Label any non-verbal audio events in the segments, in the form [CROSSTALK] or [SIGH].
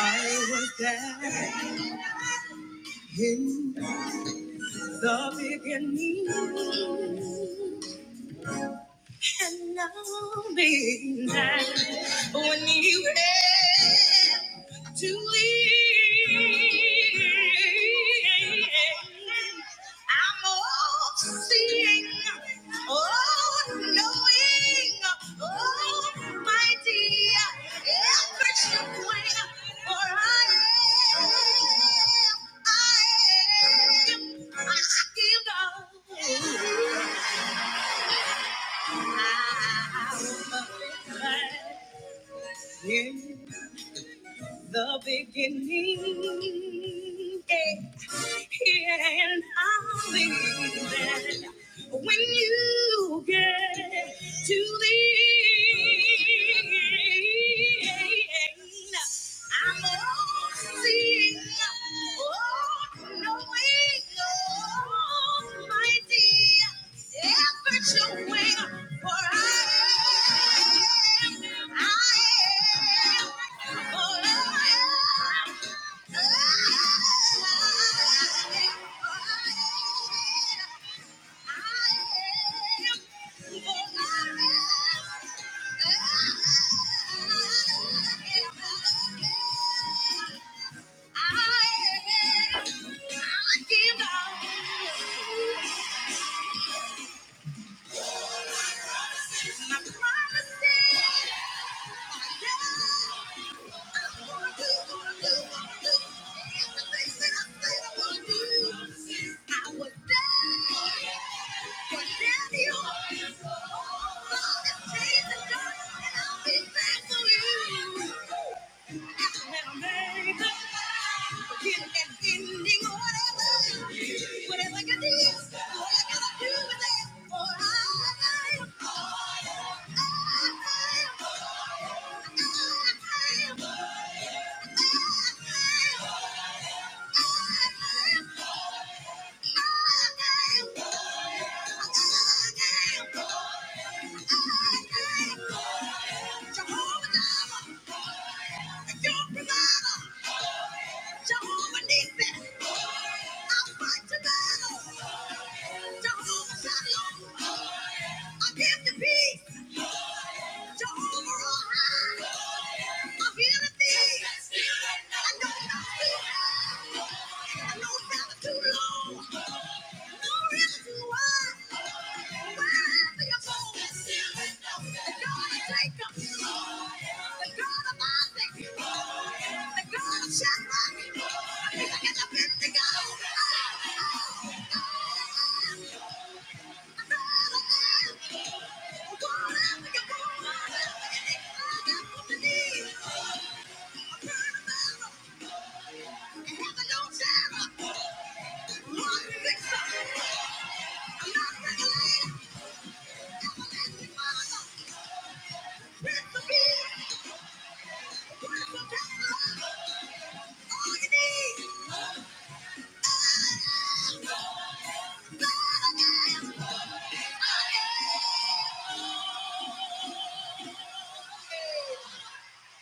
Hallelujah.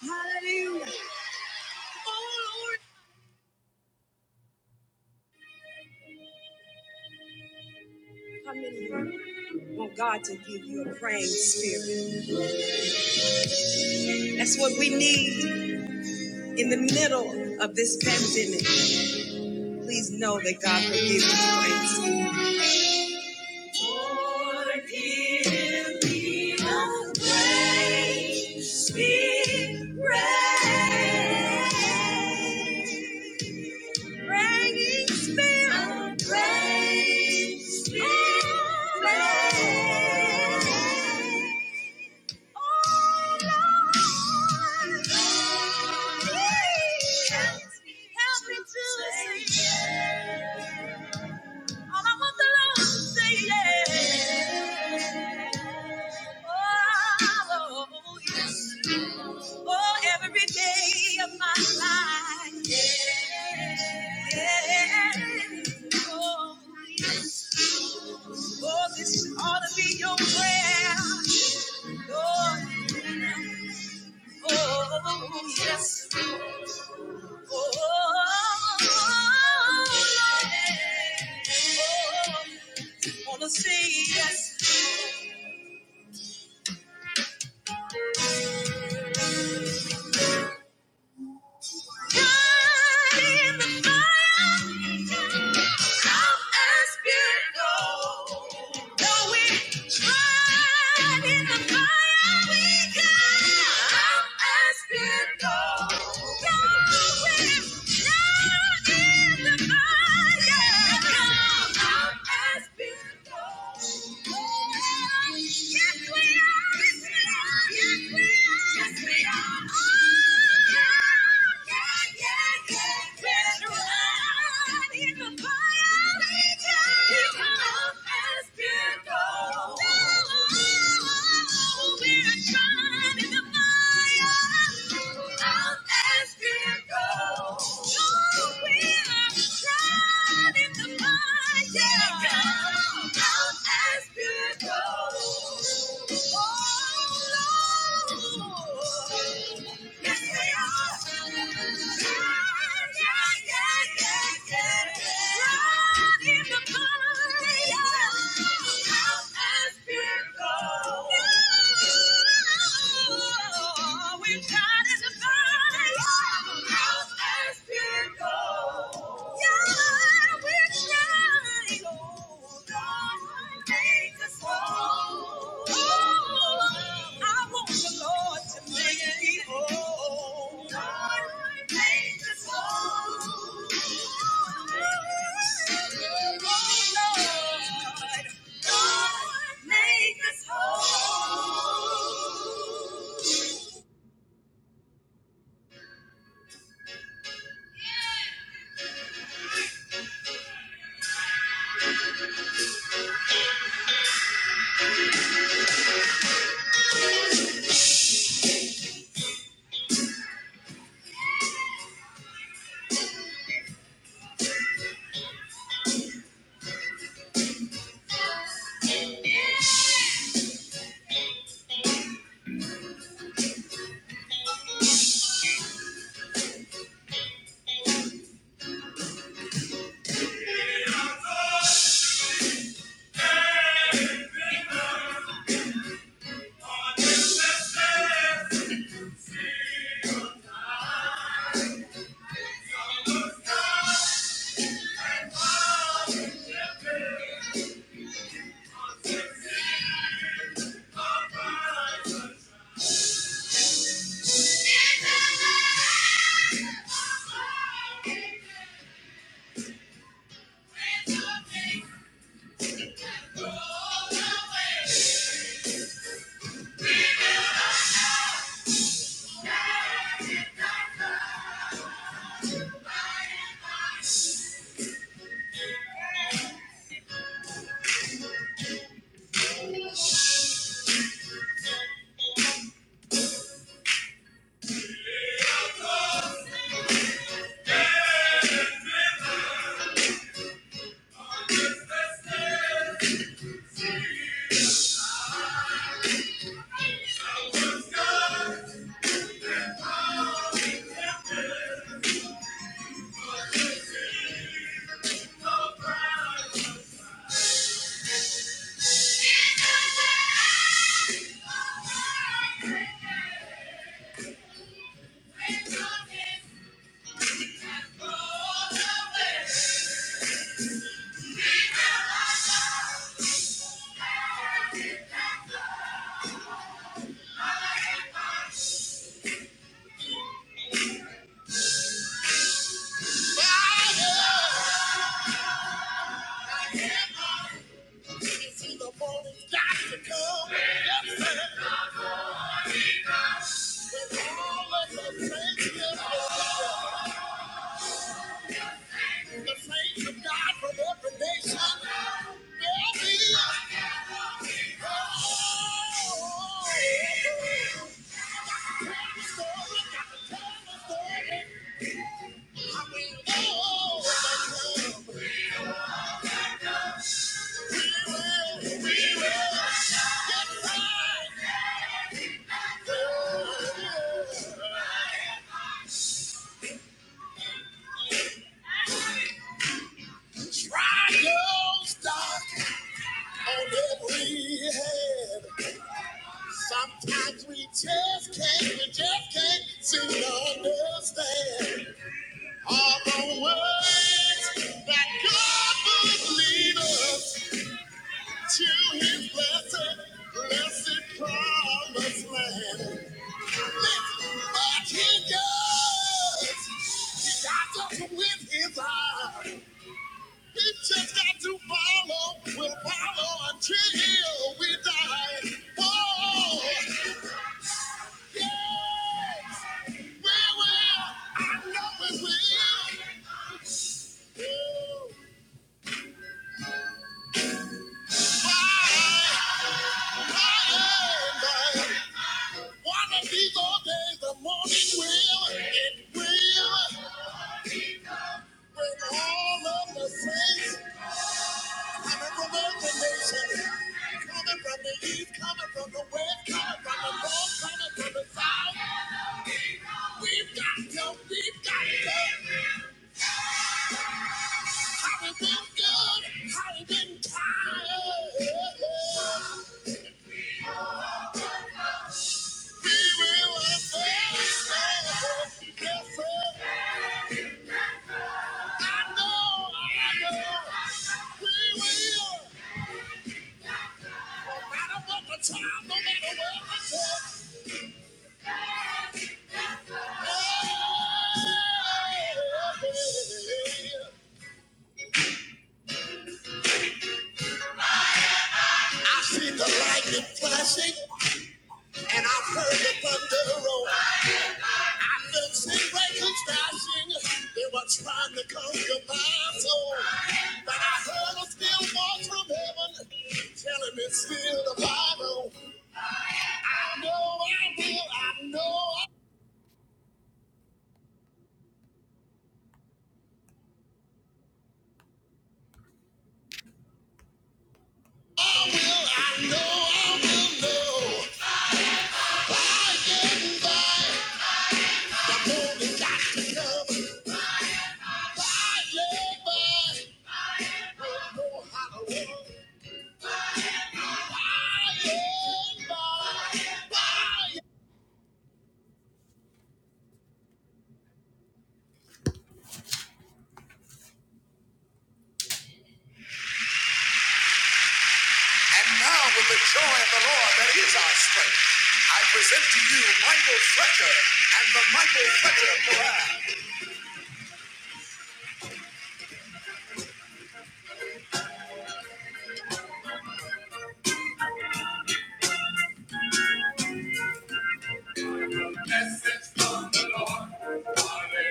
How many want God to give you a praying spirit? That's what we need in the middle of this pandemic. Please know that God will give you praying spirit. Wanna say yes. And now with the joy of the Lord that is our strength, I present to you Michael Fletcher and the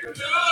Michael Fletcher Chorale.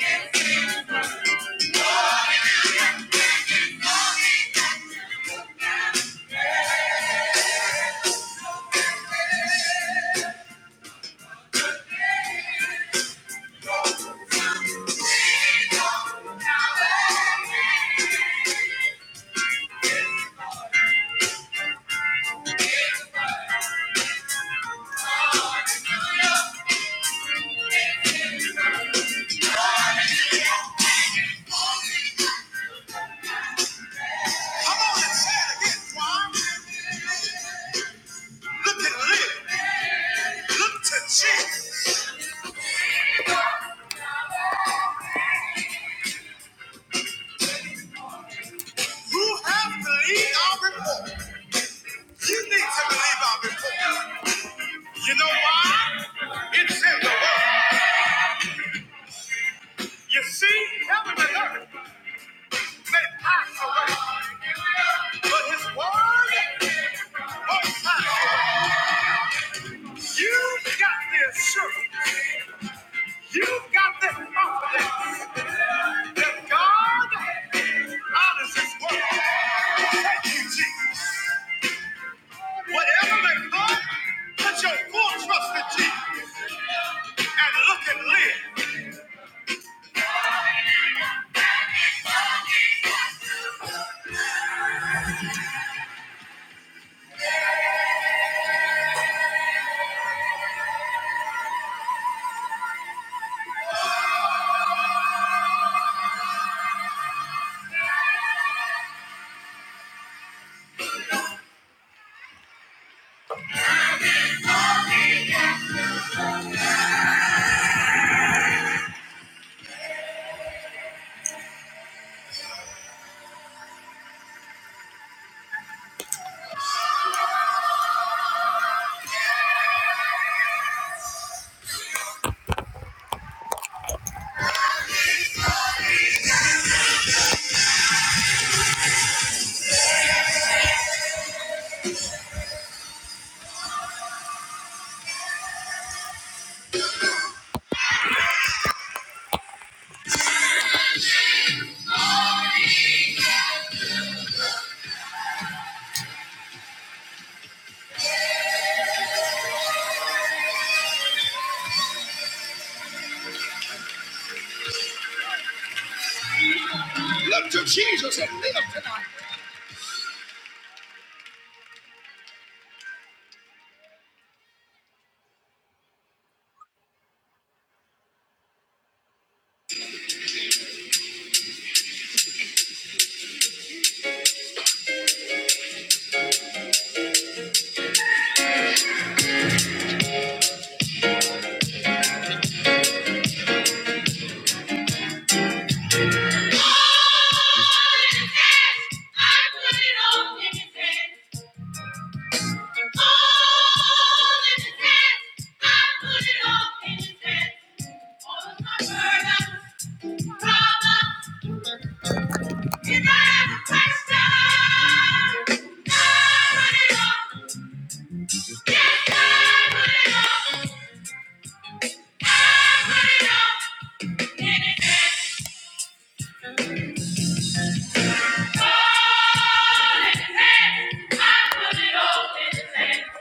Yeah. Come on and say it again, Swan. Look at Liv. Look to Jesus. You know why? It's in the word. You see, heaven and earth may pass away, but His word, oh, you got the assurance, you got the confidence that God honors His word. Thank you, Jesus. Whatever may come, put your full trust in Jesus and look and live. Look to Jesus and live tonight. All in His hands, I put it all in His hands. All in His hands, I put it all in His hands. All of my burdens, problems, His hands are touched on. I put it all, yes, I put it all. I put it all in His hands. All in His hands, I put it all in His hands.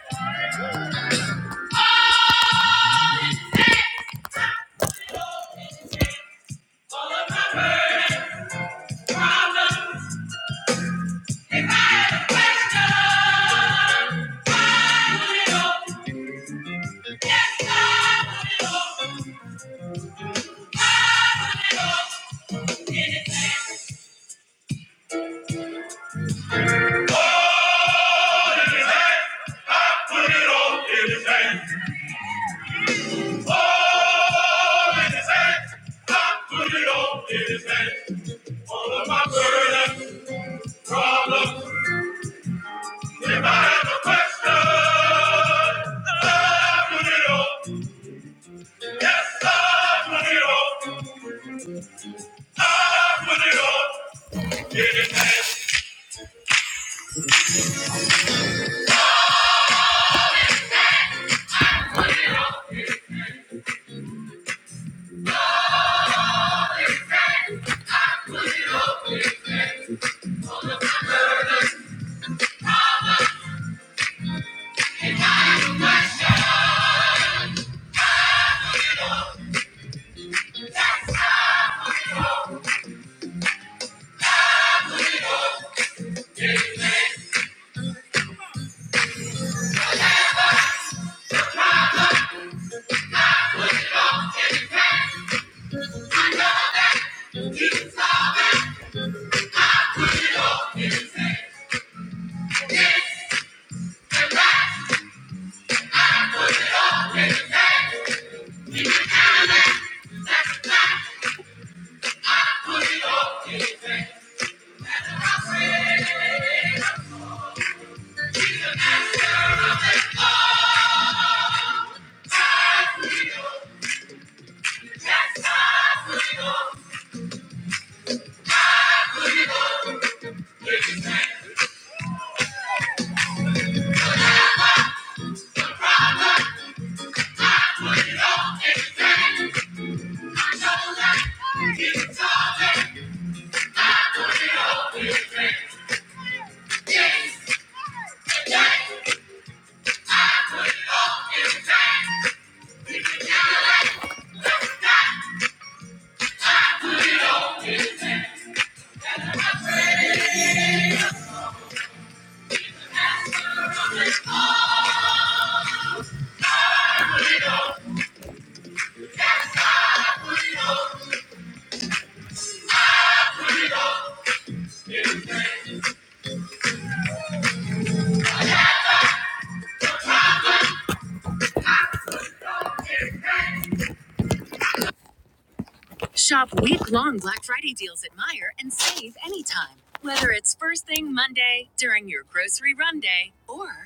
Shop week long Black Friday deals at Meijer and save anytime. Whether it's first thing Monday, during your grocery run day, or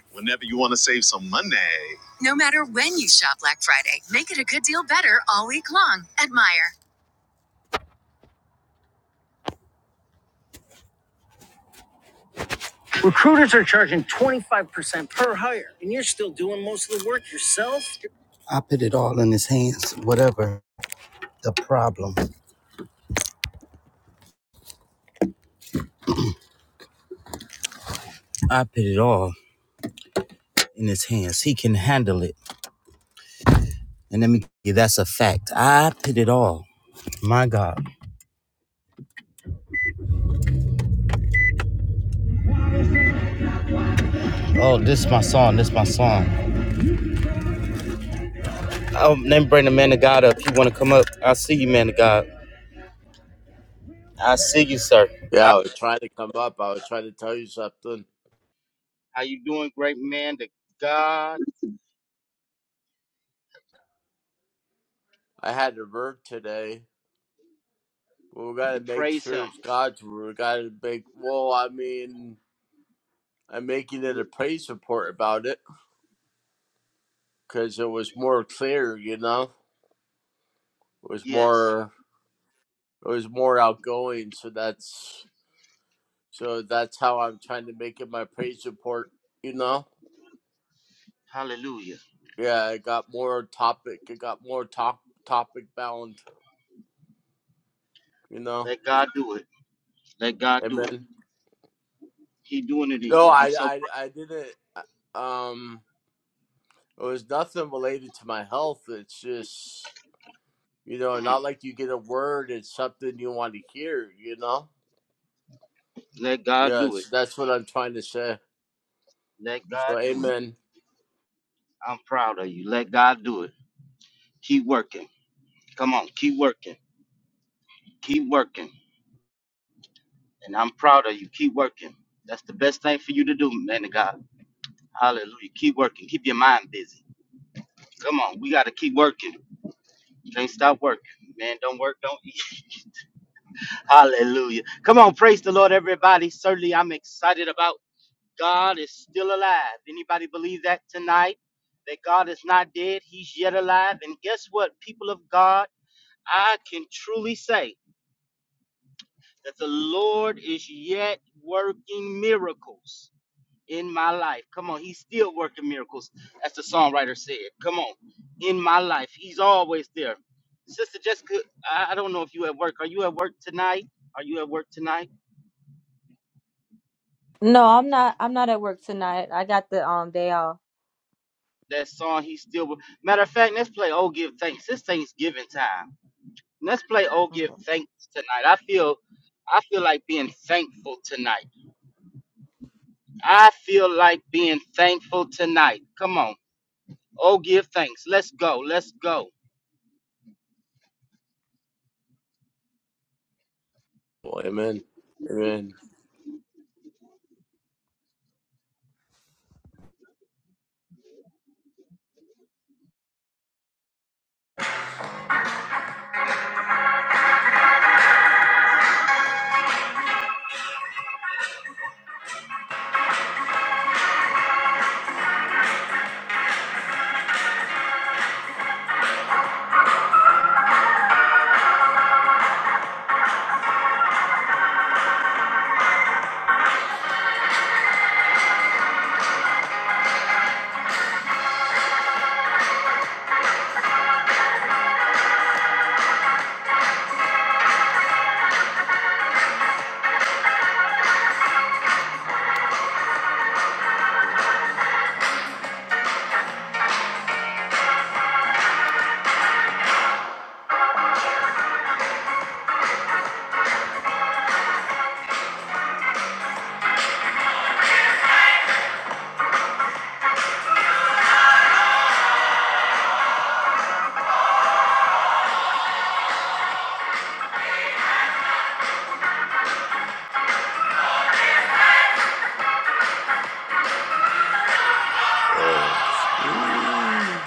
No matter when you shop Black Friday, make it a good deal better all week long at Meijer. I put it all in his hands, whatever the problem. I put it all in his hands. He can handle it. And let me tell you, that's a fact. I put it all. My God. Oh, this is my song. This is my song. Oh, let me bring the man of God up. he want to come up? I see you, man of God. I see you, sir. I, Yeah, I was trying to come up. I was trying to tell you something. how you doing, great man? To God, I had to work today. Well, We gotta make praise him. sure it's God's word. We gotta make. Well, I mean, I'm making it a praise report about it because it was more clear. You know, it was Yes. more. It was more outgoing. So that's. So that's how I'm trying to make it my praise report. You know. Hallelujah. Yeah, I got more topic. I got more top topic bound. You know. Let God do it. Let God do it. Amen. He doing it in No, you. I'm I so I pr- I didn't. uh, Um. It was nothing related to my health. It's just, you know, mhm. not like you get a word. It's something you want to hear, you know? let God Yeah, do it. so that's what I'm trying to say. Let God So, do it. amen. I'm proud of you. Let God do it. Keep working. Come on, keep working. Keep working. And I'm proud of you. Keep working. That's the best thing for you to do, man of God. Hallelujah. Keep working. Keep your mind busy. Come on, we gotta keep working. Can't stop working. Man, don't work, don't eat. [LAUGHS] Hallelujah. Come on, praise the Lord, everybody. Certainly I'm excited about God is still alive. Anybody believe that tonight? That God is not dead, He's yet alive. And guess what, people of God? I can truly say that the Lord is yet working miracles in my life. Come on, He's still working miracles, as the songwriter said. Come on, in my life, He's always there. Sister Jessica, I I don't know if you at work. Are you at work tonight? Are you at work tonight? No, I'm not. I'm not at work tonight. I got the um day off. That song, He's still. Matter of fact, let's play Oh Give Thanks. It's Thanksgiving time. Let's play Oh Give Okay. Thanks tonight. I feel I feel like being thankful tonight. I feel like being thankful tonight. Come on. Oh Give Thanks. Let's go. Let's go. Well, amen. Amen. Yes.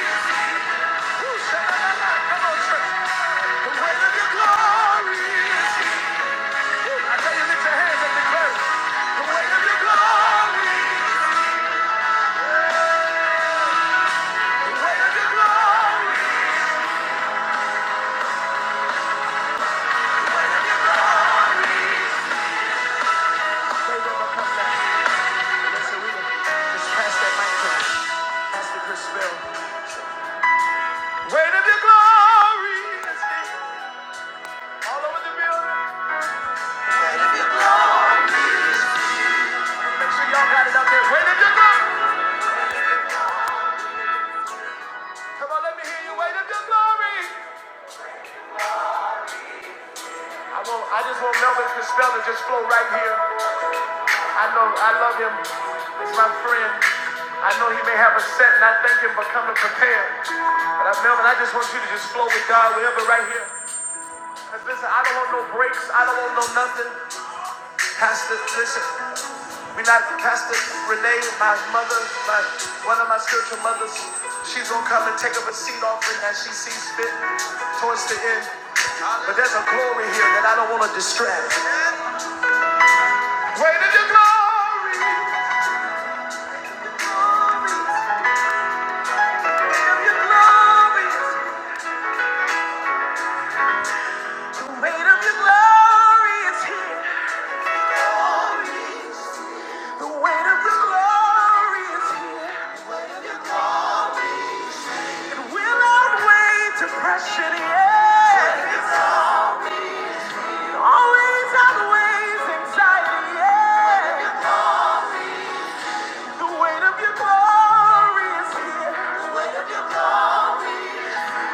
Wait, Come The weight of your glory I tell you, lift your hands and declare it. The weight of your glory. The weight of your glory. the sure Weight of your glory. Come on, let me hear you. Weight of your glory. I want, I just want Melvin Costello to just flow right here. I know, I love him. He's my friend. I know he may have a set, and I thank him for coming prepared. But I, Melvin, I just want you to just flow with God wherever right here. Cause listen, I don't want no breaks. I don't want no nothing. Pastor, listen. We not Pastor Renee, my mother, my one of my spiritual mothers. She's gonna come and take up a seat offering as she sees fit towards the end. But there's a glory here that I don't want to distract. Weight of your glory, weight of your glory, weight of your glory is here. The weight of your glory is here. It will outweigh depression, yeah. It always outweighs anxiety, yeah. The weight of your glory is here. The weight of your glory.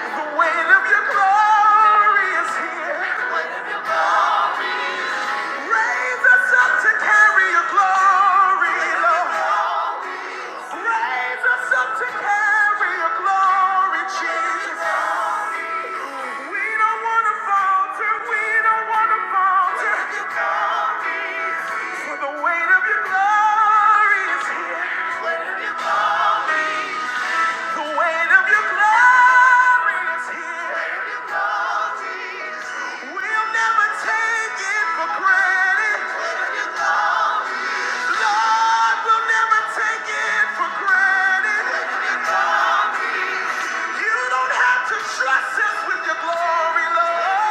The weight of your glory is here. Raise us up to carry your glory, Lord. Raise us up to carry your glory, Jesus. We don't want to falter. We don't want to falter. For the weight of your glory is here. The weight of your glory is here. We'll never take it for granted. Lord, we'll never take it for granted. You don't have to trust us with your glory, Lord.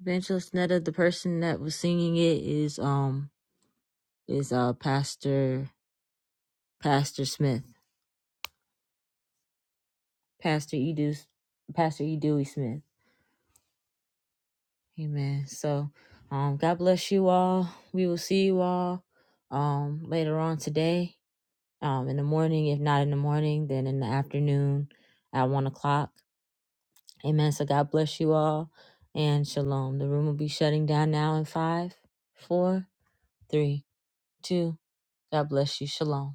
Evangelist Netta, the person that was singing it is um is uh pastor Pastor Smith, Pastor E. Dew, Pastor E. Dewey Smith. Amen. So, um, God bless you all. We will see you all, um, later on today, um, in the morning. If not in the morning, then in the afternoon at one o'clock. Amen. So God bless you all, and shalom. The room will be shutting down now in five, four, three, two. God bless you. Shalom.